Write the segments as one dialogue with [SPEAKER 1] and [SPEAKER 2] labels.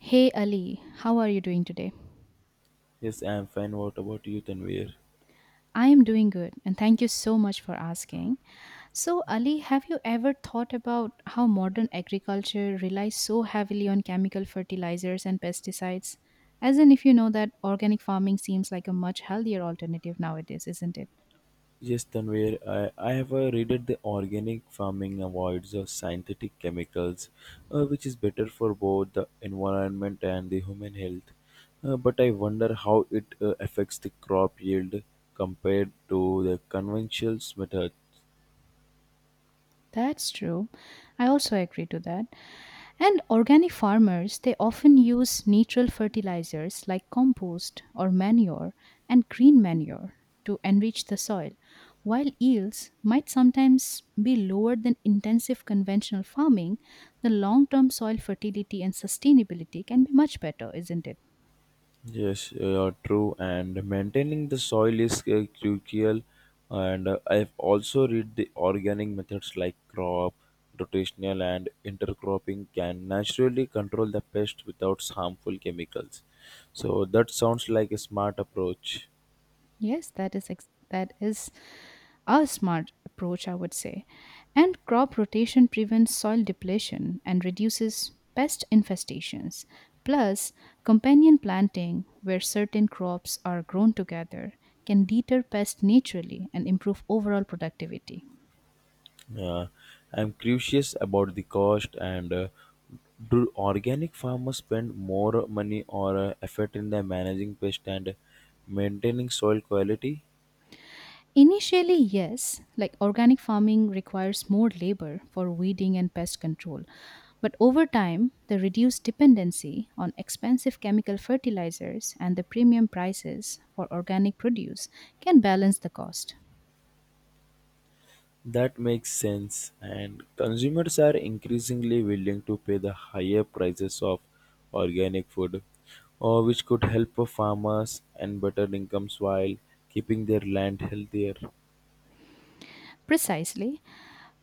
[SPEAKER 1] Hey Ali, how are you doing today?
[SPEAKER 2] Yes, I am fine. What about you, Tanvir?
[SPEAKER 1] I am doing good and thank you so much for asking. So, Ali, have you ever thought about how modern agriculture relies so heavily on chemical fertilizers and pesticides? As in, if you know that organic farming seems like a much healthier alternative nowadays, isn't it?
[SPEAKER 2] Yes, Tanvir, I have read that the organic farming avoids the synthetic chemicals, which is better for both the environment and the human health. But I wonder how it affects the crop yield compared to the conventional methods.
[SPEAKER 1] That's true. I also agree to that. And organic farmers, they often use natural fertilizers like compost or manure and green manure to enrich the soil, while yields might sometimes be lower than intensive conventional farming, the long term soil fertility and sustainability can be much better, isn't it?
[SPEAKER 2] Yes, true. And maintaining the soil is crucial. And I've also read the organic methods like crop, rotational, and intercropping can naturally control the pest without harmful chemicals. So that sounds like a smart approach.
[SPEAKER 1] Yes, that is a smart approach, I would say. And crop rotation prevents soil depletion and reduces pest infestations. Plus, companion planting, where certain crops are grown together, can deter pests naturally and improve overall productivity.
[SPEAKER 2] Yeah, I'm curious about the cost and do organic farmers spend more money or effort in their managing pest and maintaining soil quality?
[SPEAKER 1] Initially, yes, like organic farming requires more labor for weeding and pest control. But over time, the reduced dependency on expensive chemical fertilizers and the premium prices for organic produce can balance the cost.
[SPEAKER 2] That makes sense, and consumers are increasingly willing to pay the higher prices of organic food, which could help farmers and better incomes while keeping their land healthier.
[SPEAKER 1] Precisely.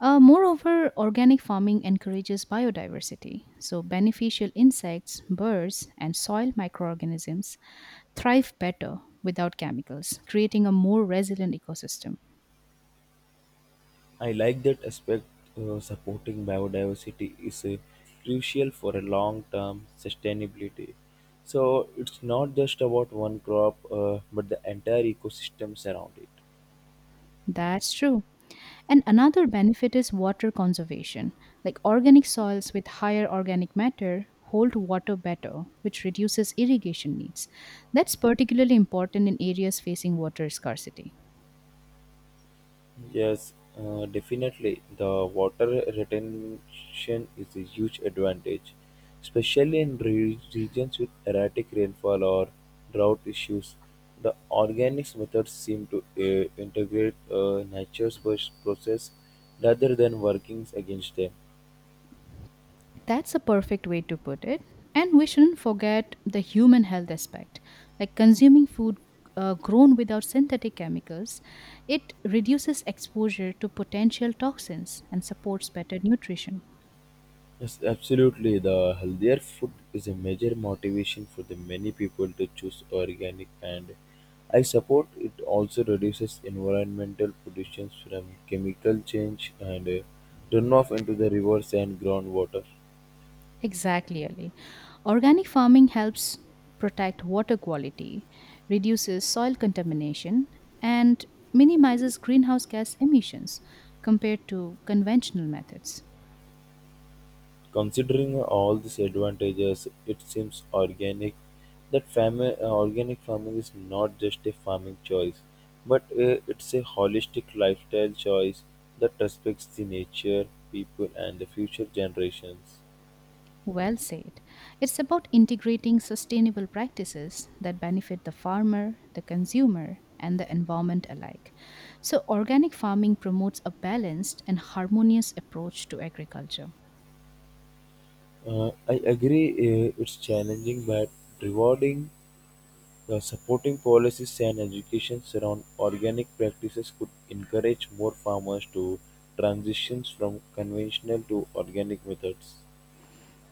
[SPEAKER 1] Moreover, organic farming encourages biodiversity, so beneficial insects, birds, and soil microorganisms thrive better without chemicals, creating a more resilient ecosystem.
[SPEAKER 2] I like that aspect. Supporting biodiversity is crucial for a long-term sustainability. So it's not just about one crop, but the entire ecosystems around it.
[SPEAKER 1] That's true. And another benefit is water conservation. Like organic soils with higher organic matter hold water better, which reduces irrigation needs. That's particularly important in areas facing water scarcity.
[SPEAKER 2] Yes, definitely. The water retention is a huge advantage, especially in regions with erratic rainfall or drought issues. The organics methods seem to integrate nature's process rather than working against them.
[SPEAKER 1] That's a perfect way to put it. And we shouldn't forget the human health aspect. Like consuming food grown without synthetic chemicals, it reduces exposure to potential toxins and supports better nutrition.
[SPEAKER 2] Yes, absolutely. The healthier food is a major motivation for the many people to choose organic, and I support it also reduces environmental pollution from chemical change and runoff into the rivers and groundwater.
[SPEAKER 1] Exactly, Ali. Organic farming helps protect water quality, reduces soil contamination, and minimizes greenhouse gas emissions compared to conventional methods.
[SPEAKER 2] Considering all these advantages, it seems organic farming is not just a farming choice, but it's a holistic lifestyle choice that respects the nature, people, and the future generations.
[SPEAKER 1] Well said. It's about integrating sustainable practices that benefit the farmer, the consumer, and the environment alike. So, organic farming promotes a balanced and harmonious approach to agriculture.
[SPEAKER 2] I agree it's challenging, but rewarding, supporting policies and education around organic practices could encourage more farmers to transitions from conventional to organic methods.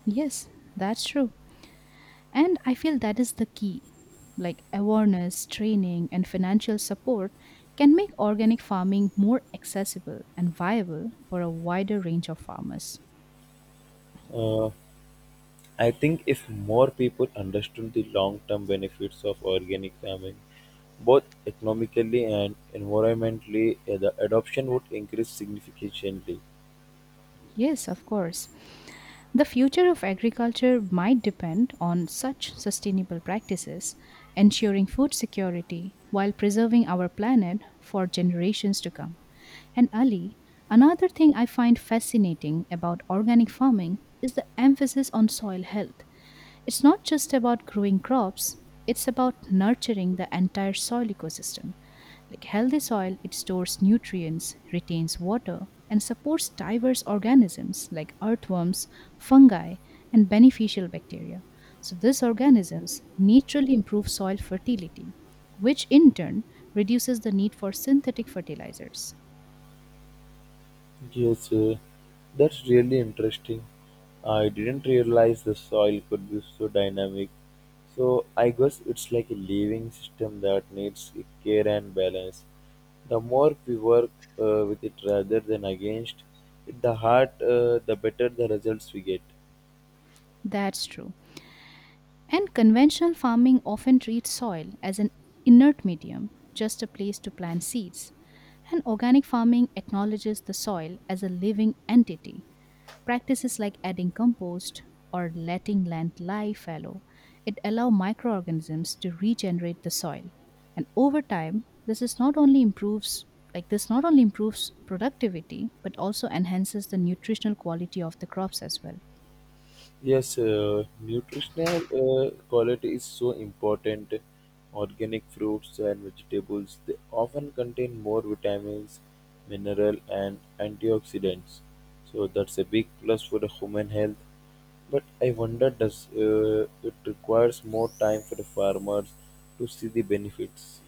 [SPEAKER 1] Yes, that's true. And I feel that is the key. Like awareness, training, and financial support can make organic farming more accessible and viable for a wider range of farmers.
[SPEAKER 2] Uh, I think if more people understood the long term benefits of organic farming, both economically and environmentally, the adoption would increase significantly.
[SPEAKER 1] Yes, of course. The future of agriculture might depend on such sustainable practices, ensuring food security while preserving our planet for generations to come. And Ali, another thing I find fascinating about organic farming is the emphasis on soil health. It's not just about growing crops, it's about nurturing the entire soil ecosystem. Like healthy soil, it stores nutrients, retains water, and supports diverse organisms like earthworms, fungi, and beneficial bacteria. So these organisms naturally improve soil fertility, which in turn reduces the need for synthetic fertilizers.
[SPEAKER 2] Yes, that's really interesting. I didn't realize the soil could be so dynamic. So I guess it's like a living system that needs care and balance. The more we work with it rather than against it, the better the results we get.
[SPEAKER 1] That's true. And conventional farming often treats soil as an inert medium, just a place to plant seeds. And organic farming acknowledges the soil as a living entity. Practices like adding compost or letting land lie fallow, it allow microorganisms to regenerate the soil. And over time, this not only improves productivity but also enhances the nutritional quality of the crops as well.
[SPEAKER 2] Yes, nutritional quality is so important. Organic fruits and vegetables, they often contain more vitamins, mineral, and antioxidants. So that's a big plus for the human health. But I wonder, does it requires more time for the farmers to see the benefits?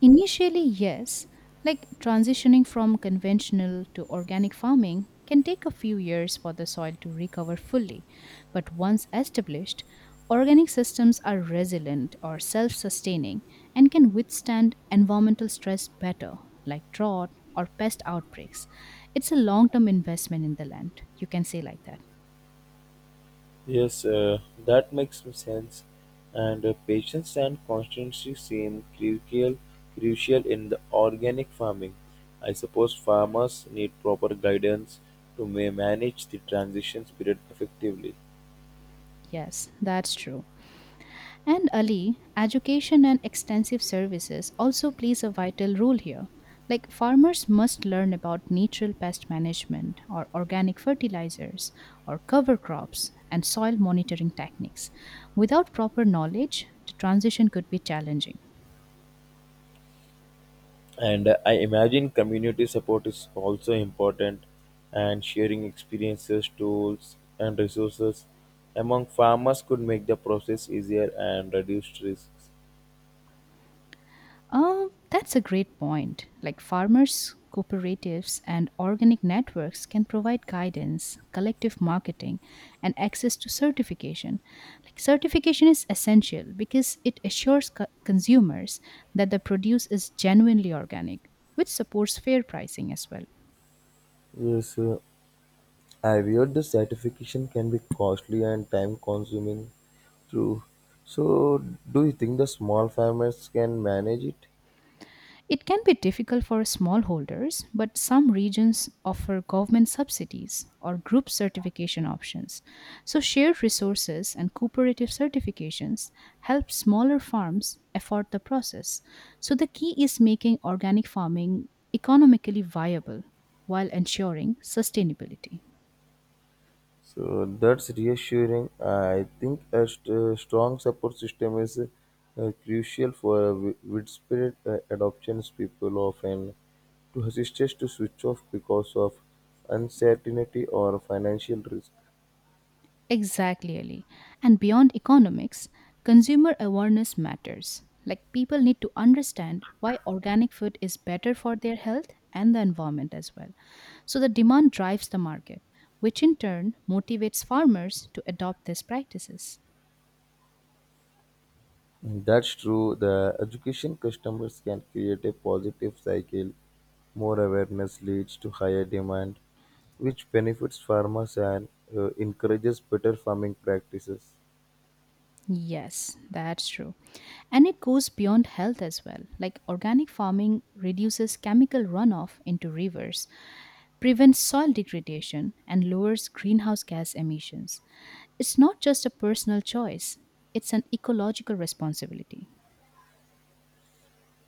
[SPEAKER 1] Initially, yes, like transitioning from conventional to organic farming can take a few years for the soil to recover fully, but once established, organic systems are resilient or self sustaining and can withstand environmental stress better, like drought or pest outbreaks. It's a long term investment in the land, you can say like that.
[SPEAKER 2] Yes, that makes sense. And patience and constancy seem crucial, crucial in the organic farming. I suppose farmers need proper guidance to manage the transition period effectively.
[SPEAKER 1] Yes, that's true. And Ali, education and extensive services also plays a vital role here. Like farmers must learn about natural pest management or organic fertilizers or cover crops and soil monitoring techniques. Without proper knowledge, the transition could be challenging.
[SPEAKER 2] And I imagine community support is also important, and sharing experiences, tools, and resources among farmers could make the process easier and reduce risks.
[SPEAKER 1] That's a great point. Like farmers, cooperatives, and organic networks can provide guidance, collective marketing, and access to certification. Like certification is essential because it assures consumers that the produce is genuinely organic, which supports fair pricing as well.
[SPEAKER 2] Yes, I've heard the certification can be costly and time consuming too. So, do you think the small farmers can manage it?
[SPEAKER 1] It can be difficult for smallholders, but some regions offer government subsidies or group certification options. So, shared resources and cooperative certifications help smaller farms afford the process. So, the key is making organic farming economically viable while ensuring sustainability.
[SPEAKER 2] So, that's reassuring. I think a strong support system is crucial for a widespread adoption. People often to hesitate to switch off because of uncertainty or financial risk.
[SPEAKER 1] Exactly, Ali. And beyond economics, consumer awareness matters. Like people need to understand why organic food is better for their health and the environment as well. So the demand drives the market, which in turn motivates farmers to adopt these practices.
[SPEAKER 2] That's true. The education customers can create a positive cycle. More awareness leads to higher demand, which benefits farmers and encourages better farming practices.
[SPEAKER 1] Yes, that's true. And it goes beyond health as well. Like organic farming reduces chemical runoff into rivers, prevents soil degradation, and lowers greenhouse gas emissions. It's not just a personal choice, it's an ecological responsibility.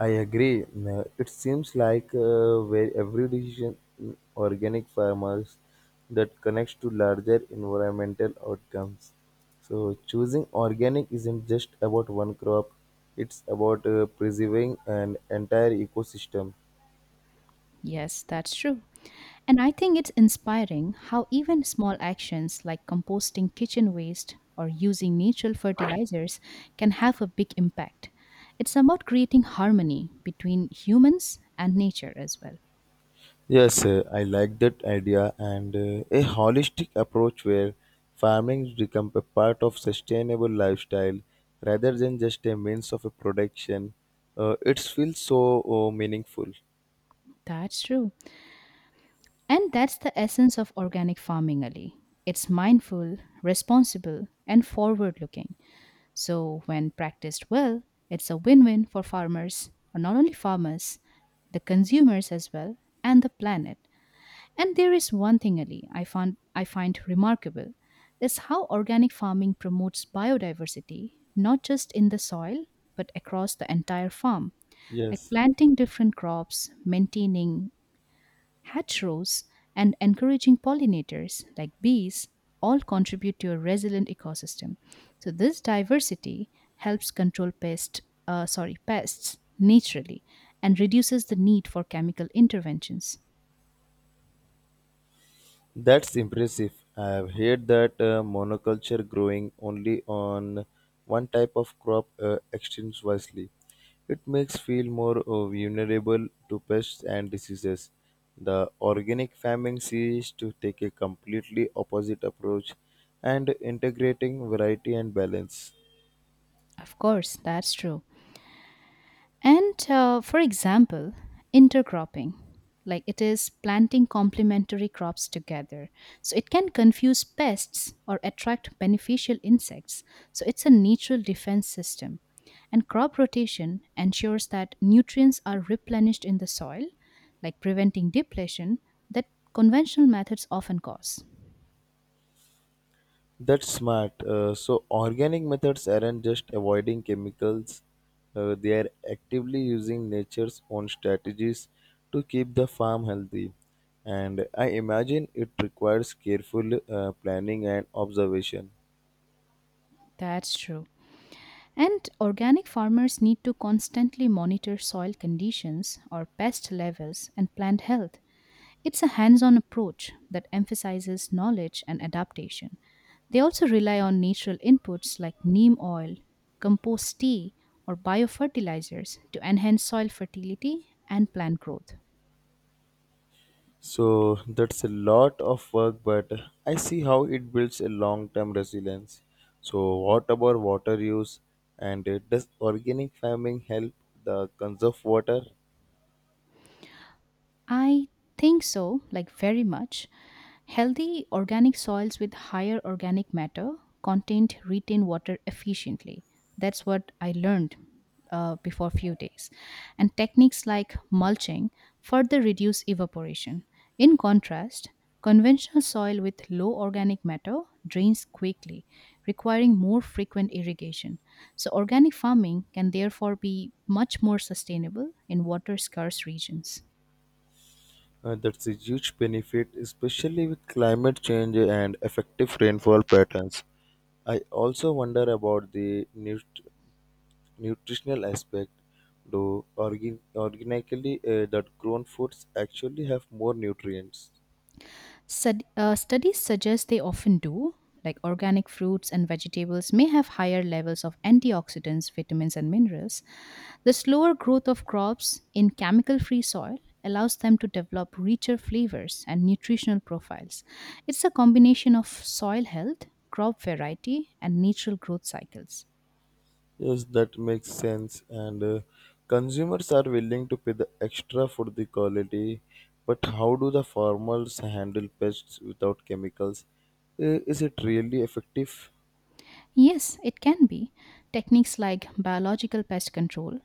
[SPEAKER 2] I agree. It seems like where every decision in organic farmers that connects to larger environmental outcomes. So choosing organic isn't just about one crop; it's about preserving an entire ecosystem.
[SPEAKER 1] Yes, that's true. And I think it's inspiring how even small actions like composting kitchen waste or using natural fertilizers can have a big impact. It's about creating harmony between humans and nature as well.
[SPEAKER 2] Yes, I like that idea, and a holistic approach where farming becomes a part of sustainable lifestyle rather than just a means of a production. It feels so meaningful.
[SPEAKER 1] That's true. And that's the essence of organic farming, Ali. It's mindful, responsible, and forward looking. So, when practiced well, it's a win win for farmers, or not only farmers, the consumers as well, and the planet. And there is one thing, Ali, I find remarkable is how organic farming promotes biodiversity, not just in the soil, but across the entire farm. Like
[SPEAKER 2] Yes.
[SPEAKER 1] planting different crops, maintaining Hatch and encouraging pollinators like bees all contribute to a resilient ecosystem. So this diversity helps control pests naturally and reduces the need for chemical interventions.
[SPEAKER 2] That's impressive. I have heard that monoculture growing only on one type of crop extends wisely. It makes feel more vulnerable to pests and diseases. The organic farming seems to take a completely opposite approach and integrating variety and balance.
[SPEAKER 1] Of course, that's true. And for example, intercropping, like it is planting complementary crops together. So it can confuse pests or attract beneficial insects. So it's a natural defense system. And crop rotation ensures that nutrients are replenished in the soil, like preventing depletion that conventional methods often cause.
[SPEAKER 2] That's smart. So organic methods aren't just avoiding chemicals, they are actively using nature's own strategies to keep the farm healthy. And I imagine it requires careful planning and observation.
[SPEAKER 1] That's true. And organic farmers need to constantly monitor soil conditions or pest levels and plant health. It's a hands on approach that emphasizes knowledge and adaptation. They also rely on natural inputs like neem oil, compost tea, or biofertilizers to enhance soil fertility and plant growth.
[SPEAKER 2] So that's a lot of work, but I see how it builds a long term resilience. So, what about water use? And does organic farming help the conserve water?
[SPEAKER 1] I think so, like very much. Healthy organic soils with higher organic matter content retain water efficiently. That's what I learned before few days. And techniques like mulching further reduce evaporation. In contrast, conventional soil with low organic matter drains quickly, requiring more frequent irrigation. So, organic farming can therefore be much more sustainable in water scarce regions.
[SPEAKER 2] That's a huge benefit, especially with climate change and effective rainfall patterns. I also wonder about the nutritional aspect. Do organically that grown foods actually have more nutrients?
[SPEAKER 1] Studies suggest they often do, like organic fruits and vegetables may have higher levels of antioxidants, vitamins, and minerals. The slower growth of crops in chemical free soil allows them to develop richer flavors and nutritional profiles. It's a combination of soil health, crop variety, and natural growth cycles.
[SPEAKER 2] Yes, that makes sense. And consumers are willing to pay the extra for the quality. But how do the farmers handle pests without chemicals? Is it really effective?
[SPEAKER 1] Yes, it can be. Techniques like biological pest control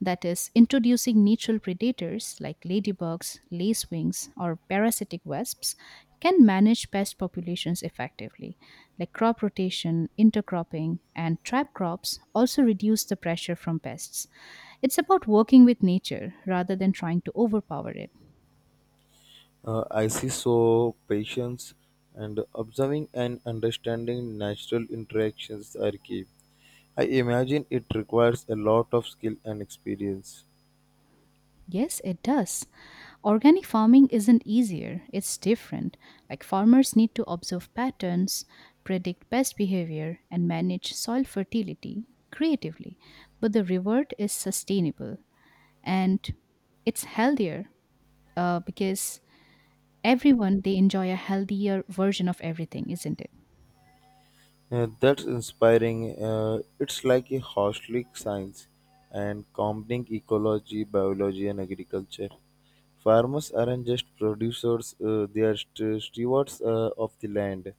[SPEAKER 1] that is, introducing natural predators like ladybugs, lacewings, or parasitic wasps can manage pest populations effectively. Like crop rotation, intercropping, and trap crops also reduce the pressure from pests. It's about working with nature rather than trying to overpower it.
[SPEAKER 2] I see, so patience and observing and understanding natural interactions are key. I imagine it requires a lot of skill and experience.
[SPEAKER 1] Yes, it does. Organic farming isn't easier, it's different. Like farmers need to observe patterns, predict pest behavior, and manage soil fertility creatively. But the reward is sustainable and it's healthier because everyone they enjoy a healthier version of everything, isn't it?
[SPEAKER 2] That's inspiring. It's like a holistic science and combining ecology, biology, and agriculture. Farmers aren't just producers, they are stewards of the land.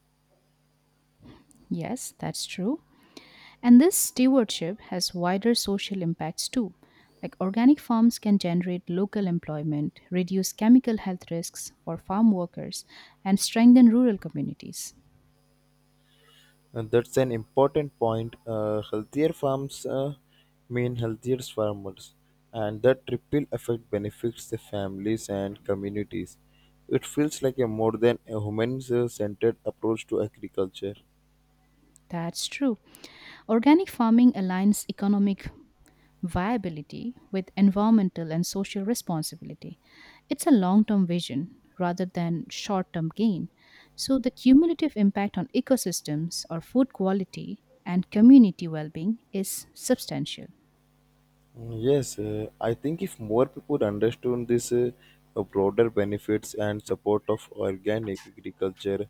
[SPEAKER 1] Yes, that's true. And this stewardship has wider social impacts too. Like organic farms can generate local employment, reduce chemical health risks for farm workers, and strengthen rural communities.
[SPEAKER 2] And that's an important point. Healthier farms mean healthier farmers, and that triple effect benefits the families and communities. It feels like a more than a human-centered approach to agriculture.
[SPEAKER 1] That's true. Organic farming aligns economic viability with environmental and social responsibility. It's a long term vision rather than short term gain. So, the cumulative impact on ecosystems or food quality and community well being is substantial.
[SPEAKER 2] Mm, yes, I think if more people understood this broader benefits and support of organic agriculture, you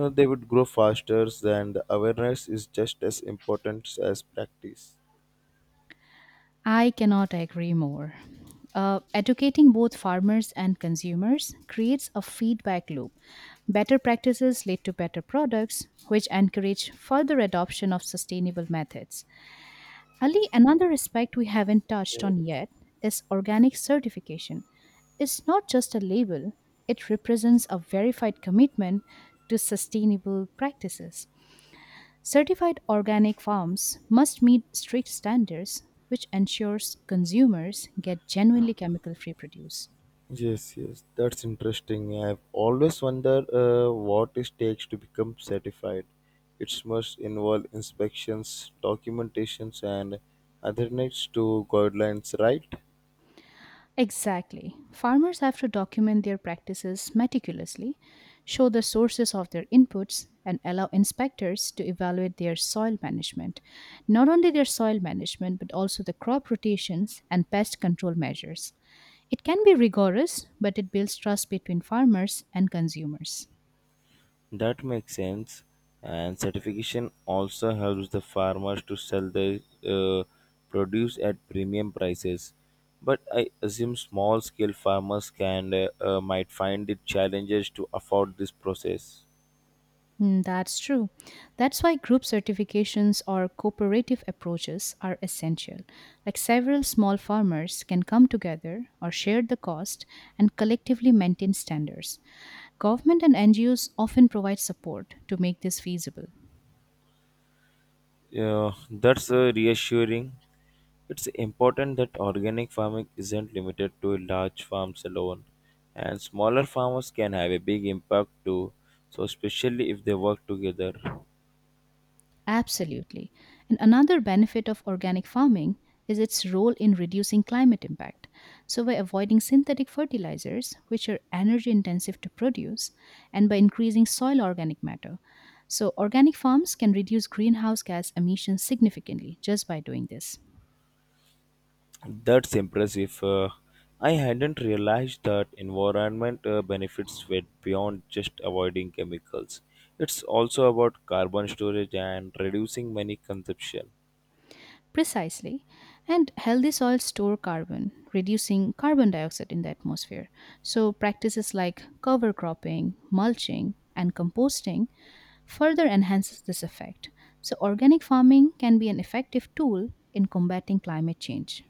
[SPEAKER 2] know, they would grow faster, and the awareness is just as important as practice.
[SPEAKER 1] I cannot agree more. Educating both farmers and consumers creates a feedback loop. Better practices lead to better products, which encourage further adoption of sustainable methods. Ali, another aspect we haven't
[SPEAKER 2] Yeah.
[SPEAKER 1] touched on yet is organic certification. It's not just a label, it represents a verified commitment to sustainable practices. Certified organic farms must meet strict standards, which ensures consumers get genuinely chemical free produce.
[SPEAKER 2] Yes, yes, that's interesting. I've always wondered what it takes to become certified. It must involve inspections, documentations, and adherence to guidelines, right?
[SPEAKER 1] Exactly. Farmers have to document their practices meticulously, show the sources of their inputs, and allow inspectors to evaluate their soil management. Not only their soil management, but also the crop rotations and pest control measures. It can be rigorous, but it builds trust between farmers and consumers.
[SPEAKER 2] That makes sense. And certification also helps the farmers to sell their uh, produce at premium prices. But I assume small scale farmers can might find it challenges to afford this process.
[SPEAKER 1] Mm, that's true. That's why group certifications or cooperative approaches are essential. Like several small farmers can come together or share the cost and collectively maintain standards. Government and NGOs often provide support to make this feasible.
[SPEAKER 2] Yeah, that's reassuring. It's important that organic farming isn't limited to large farms alone, and smaller farmers can have a big impact too. So, especially if they work together,
[SPEAKER 1] Absolutely. And another benefit of organic farming is its role in reducing climate impact. So, by avoiding synthetic fertilizers, which are energy intensive to produce, and by increasing soil organic matter. So, organic farms can reduce greenhouse gas emissions significantly just by doing this.
[SPEAKER 2] that's impressive. I hadn't realized that environment benefits went beyond just avoiding chemicals. It's also about carbon storage and reducing money consumption.
[SPEAKER 1] Precisely. And healthy soils store carbon, reducing carbon dioxide in the atmosphere. So, practices like cover cropping, mulching, and composting further enhances this effect. So, organic farming can be an effective tool in combating climate change.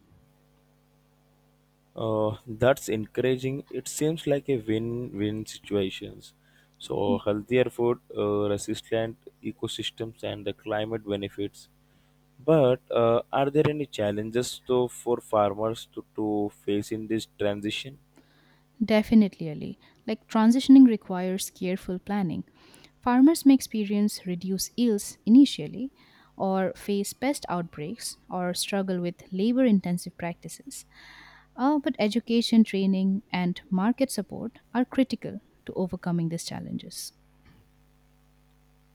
[SPEAKER 2] That's encouraging. It seems like a win-win situations. So healthier food, resistant ecosystems, and the climate benefits. But are there any challenges though for farmers to face in this transition?
[SPEAKER 1] Definitely, Ali. Like transitioning requires careful planning. Farmers may experience reduced yields initially, or face pest outbreaks, or struggle with labor intensive practices. But education, training, and market support are critical to overcoming these challenges.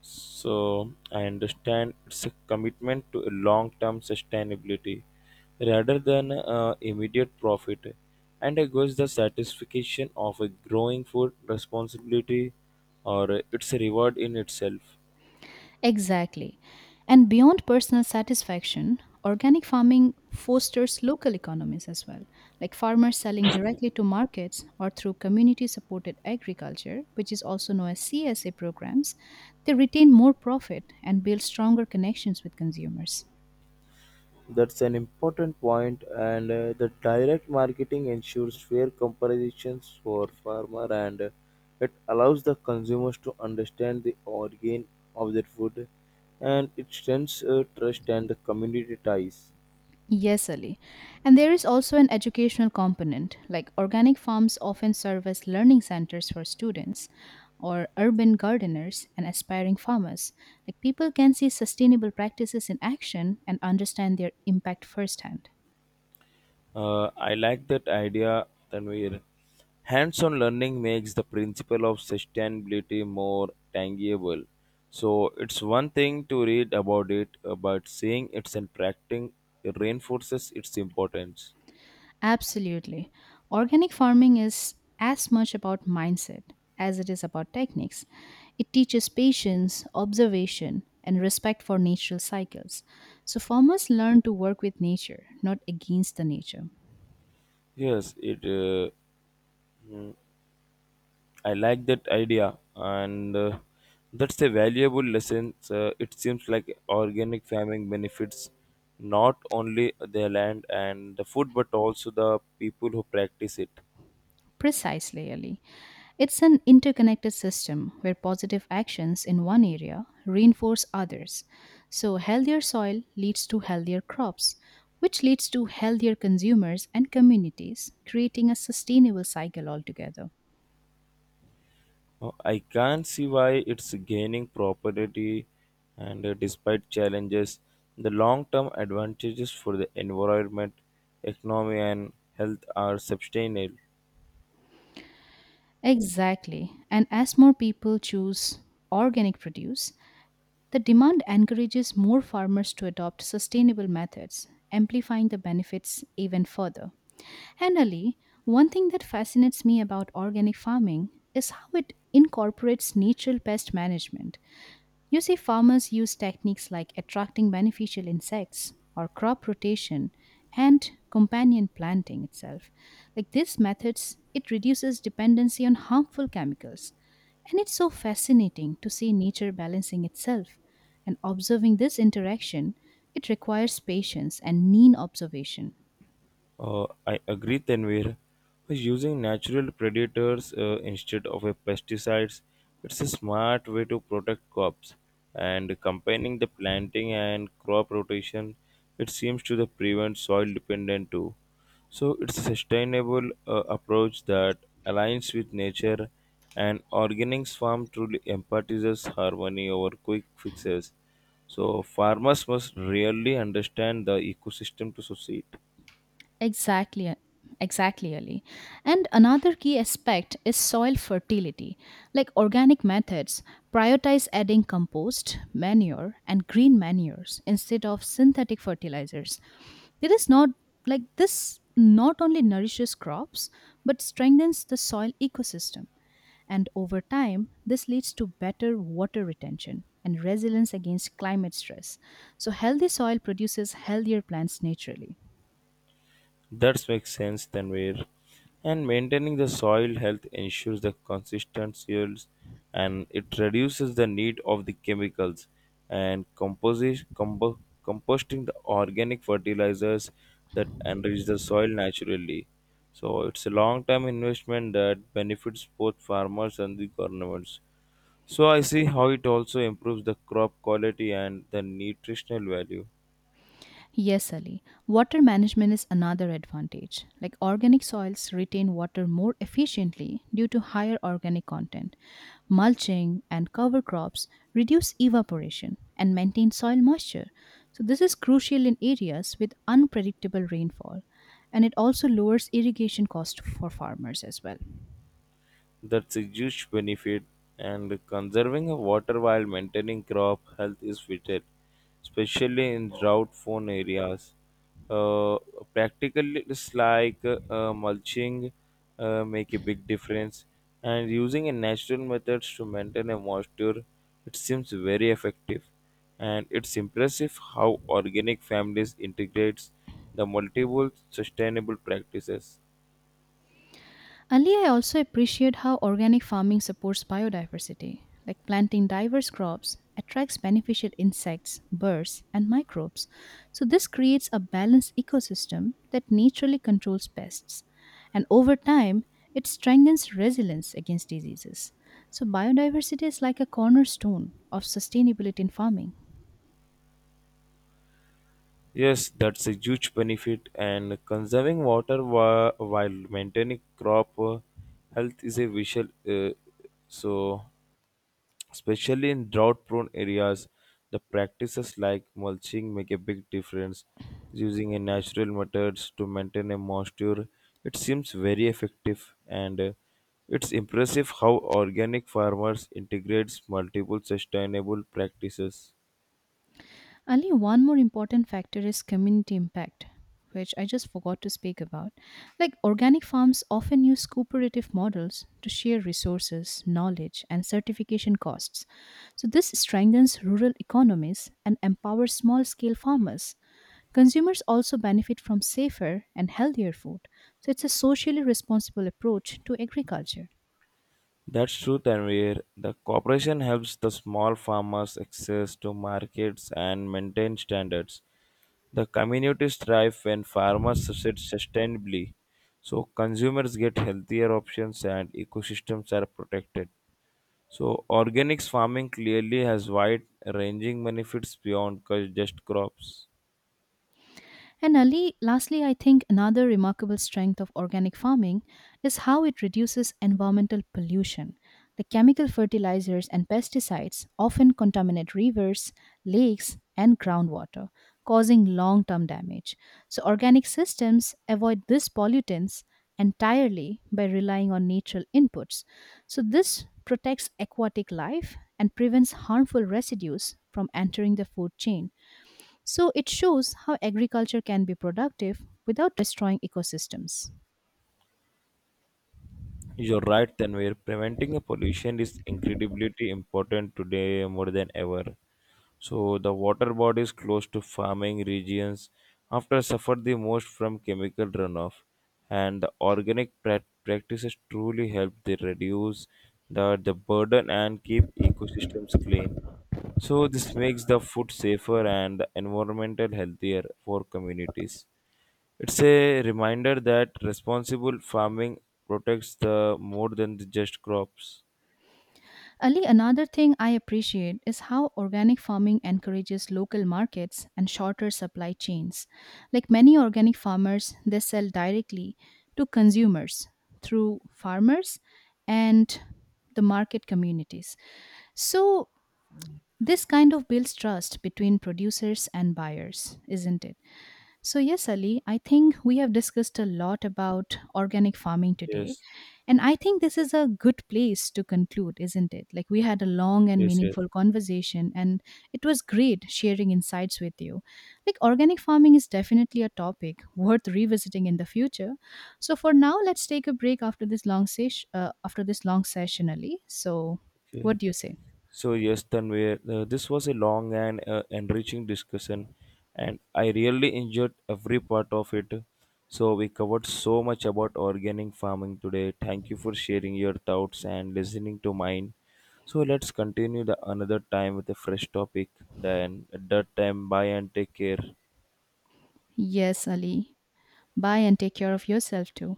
[SPEAKER 2] So I understand it's a commitment to a long-term sustainability rather than immediate profit. And I guess the satisfaction of a growing food responsibility or it's a reward in itself.
[SPEAKER 1] Exactly. And beyond personal satisfaction, organic farming fosters local economies as well, like farmers selling directly to markets or through community supported agriculture, which is also known as CSA programs. They retain more profit and build stronger connections with consumers.
[SPEAKER 2] That's an important point, and the direct marketing ensures fair comparisons for farmer, and it allows the consumers to understand the origin of their food, and it strengthens trust and the community ties.
[SPEAKER 1] Yes, Ali. And there is also an educational component, like organic farms often serve as learning centers for students or urban gardeners and aspiring farmers. Like people can see sustainable practices in action and understand their impact firsthand.
[SPEAKER 2] I like that idea, Tanvir. Hands on learning makes the principle of sustainability more tangible. So it's one thing to read about it, but seeing it and practicing reinforces its importance.
[SPEAKER 1] Absolutely. Organic farming is as much about mindset as it is about techniques. It teaches patience, observation, and respect for natural cycles. So farmers learn to work with nature, not against the nature.
[SPEAKER 2] Yes, it. I like that idea, and that's a valuable lesson. So it seems like organic farming benefits not only the land and the food, but also the people who practice it.
[SPEAKER 1] Precisely, Ali. It's an interconnected system where positive actions in one area reinforce others. So, healthier soil leads to healthier crops, which leads to healthier consumers and communities, creating a sustainable cycle altogether.
[SPEAKER 2] I can not see why it's gaining property and despite challenges, the long-term advantages for the environment, economy and health are substantial.
[SPEAKER 1] Exactly. And as more people choose organic produce, the demand encourages more farmers to adopt sustainable methods, amplifying the benefits even further. And Ali, one thing that fascinates me about organic farming is how it incorporates natural pest management. You see, farmers use techniques like attracting beneficial insects or crop rotation and companion planting itself. Like these methods, it reduces dependency on harmful chemicals. And it's so fascinating to see nature balancing itself. And observing this interaction, it requires patience and keen observation.
[SPEAKER 2] I agree, Tanvir. But using natural predators instead of pesticides, it's a smart way to protect crops. And combining the planting and crop rotation, it seems to the prevent soil dependent too. So it's a sustainable approach that aligns with nature, and organics farm truly emphasizes harmony over quick fixes. So farmers must really understand the ecosystem to succeed.
[SPEAKER 1] Exactly, exactly, Ali. And another key aspect is soil fertility. Like organic methods, prioritize adding compost, manure, and green manures instead of synthetic fertilizers. There is not like this not only nourishes crops but strengthens the soil ecosystem. And over time, this leads to better water retention and resilience against climate stress. So, healthy soil produces healthier plants naturally.
[SPEAKER 2] That makes sense than where. And maintaining the soil health ensures the consistent yields, and it reduces the need of the chemicals, and composting the organic fertilizers that enrich the soil naturally. So it's a long term investment that benefits both farmers and the governments. So I see how it also improves the crop quality and the nutritional value.
[SPEAKER 1] Yes, Ali. Water management is another advantage. Like organic soils retain water more efficiently due to higher organic content. Mulching and cover crops reduce evaporation and maintain soil moisture. So, this is crucial in areas with unpredictable rainfall and it also lowers irrigation cost for farmers as well.
[SPEAKER 2] That's a huge benefit, and conserving water while maintaining crop health is vital, especially in drought prone areas. Uh, Practically, it's like mulching make a big difference, and using a natural methods to maintain a moisture, it seems very effective, and it's impressive how organic families integrates the multiple sustainable practices.
[SPEAKER 1] Ali, I also appreciate how organic farming supports biodiversity, like planting diverse crops attracts beneficial insects, birds, and microbes. So, this creates a balanced ecosystem that naturally controls pests. And over time, it strengthens resilience against diseases. So, biodiversity is like a cornerstone of sustainability in farming.
[SPEAKER 2] Yes, that's a huge benefit, and conserving while maintaining crop health is a visual. So, especially in drought-prone areas, the practices like mulching make a big difference. Using a natural methods to maintain a moisture, it seems very effective, and it's impressive how organic farmers integrates multiple sustainable practices.
[SPEAKER 1] Ali, one more important factor is community impact, which I just forgot to speak about. Like organic farms often use cooperative models to share resources, knowledge, and certification costs. So, this strengthens rural economies and empowers small scale farmers. Consumers also benefit from safer and healthier food. So, it's a socially responsible approach to agriculture.
[SPEAKER 2] That's true, Tanvir. The cooperation helps the small farmers access to markets and maintain standards. The communities thrive when farmers succeed sustainably, so consumers get healthier options and ecosystems are protected. So, organics farming clearly has wide ranging benefits beyond just crops.
[SPEAKER 1] And Ali, lastly, I think another remarkable strength of organic farming is how it reduces environmental pollution. The chemical fertilizers and pesticides often contaminate rivers, lakes, and groundwater, causing long term damage. So, organic systems avoid these pollutants entirely by relying on natural inputs. So, this protects aquatic life and prevents harmful residues from entering the food chain. So it shows how agriculture can be productive without destroying ecosystems.
[SPEAKER 2] You're right, Tanvir. Preventing a pollution is incredibly important today more than ever. So the water bodies close to farming regions after suffered the most from chemical runoff, and the organic practices truly help to reduce the burden and keep ecosystems clean. So this makes the food safer and the environmental healthier for communities. It's a reminder that responsible farming protects the more than the just crops.
[SPEAKER 1] Ali, another thing I appreciate is how organic farming encourages local markets and shorter supply chains. Like many organic farmers, they sell directly to consumers through farmers and the market communities. So this kind of builds trust between producers and buyers, isn't it? So, yes, Ali, I think we have discussed a lot about organic farming today.
[SPEAKER 2] Yes,
[SPEAKER 1] And I think this is a good place to conclude, isn't it? Like, we had a long and
[SPEAKER 2] yes, yes.
[SPEAKER 1] meaningful conversation, and it was great sharing insights with you. Like, organic farming is definitely a topic worth revisiting in the future. So, for now, let's take a break after this long, after this long session, Ali. So, what
[SPEAKER 2] Okay.
[SPEAKER 1] do you say?
[SPEAKER 2] So yes, Tanvir, this was a long and enriching discussion, and I really enjoyed every part of it. So we covered so much about organic farming today. Thank you for sharing your thoughts and listening to mine. So let's continue the another time with a fresh topic. Then at that time, bye and take care.
[SPEAKER 1] Yes, Ali. Bye and take care of yourself too.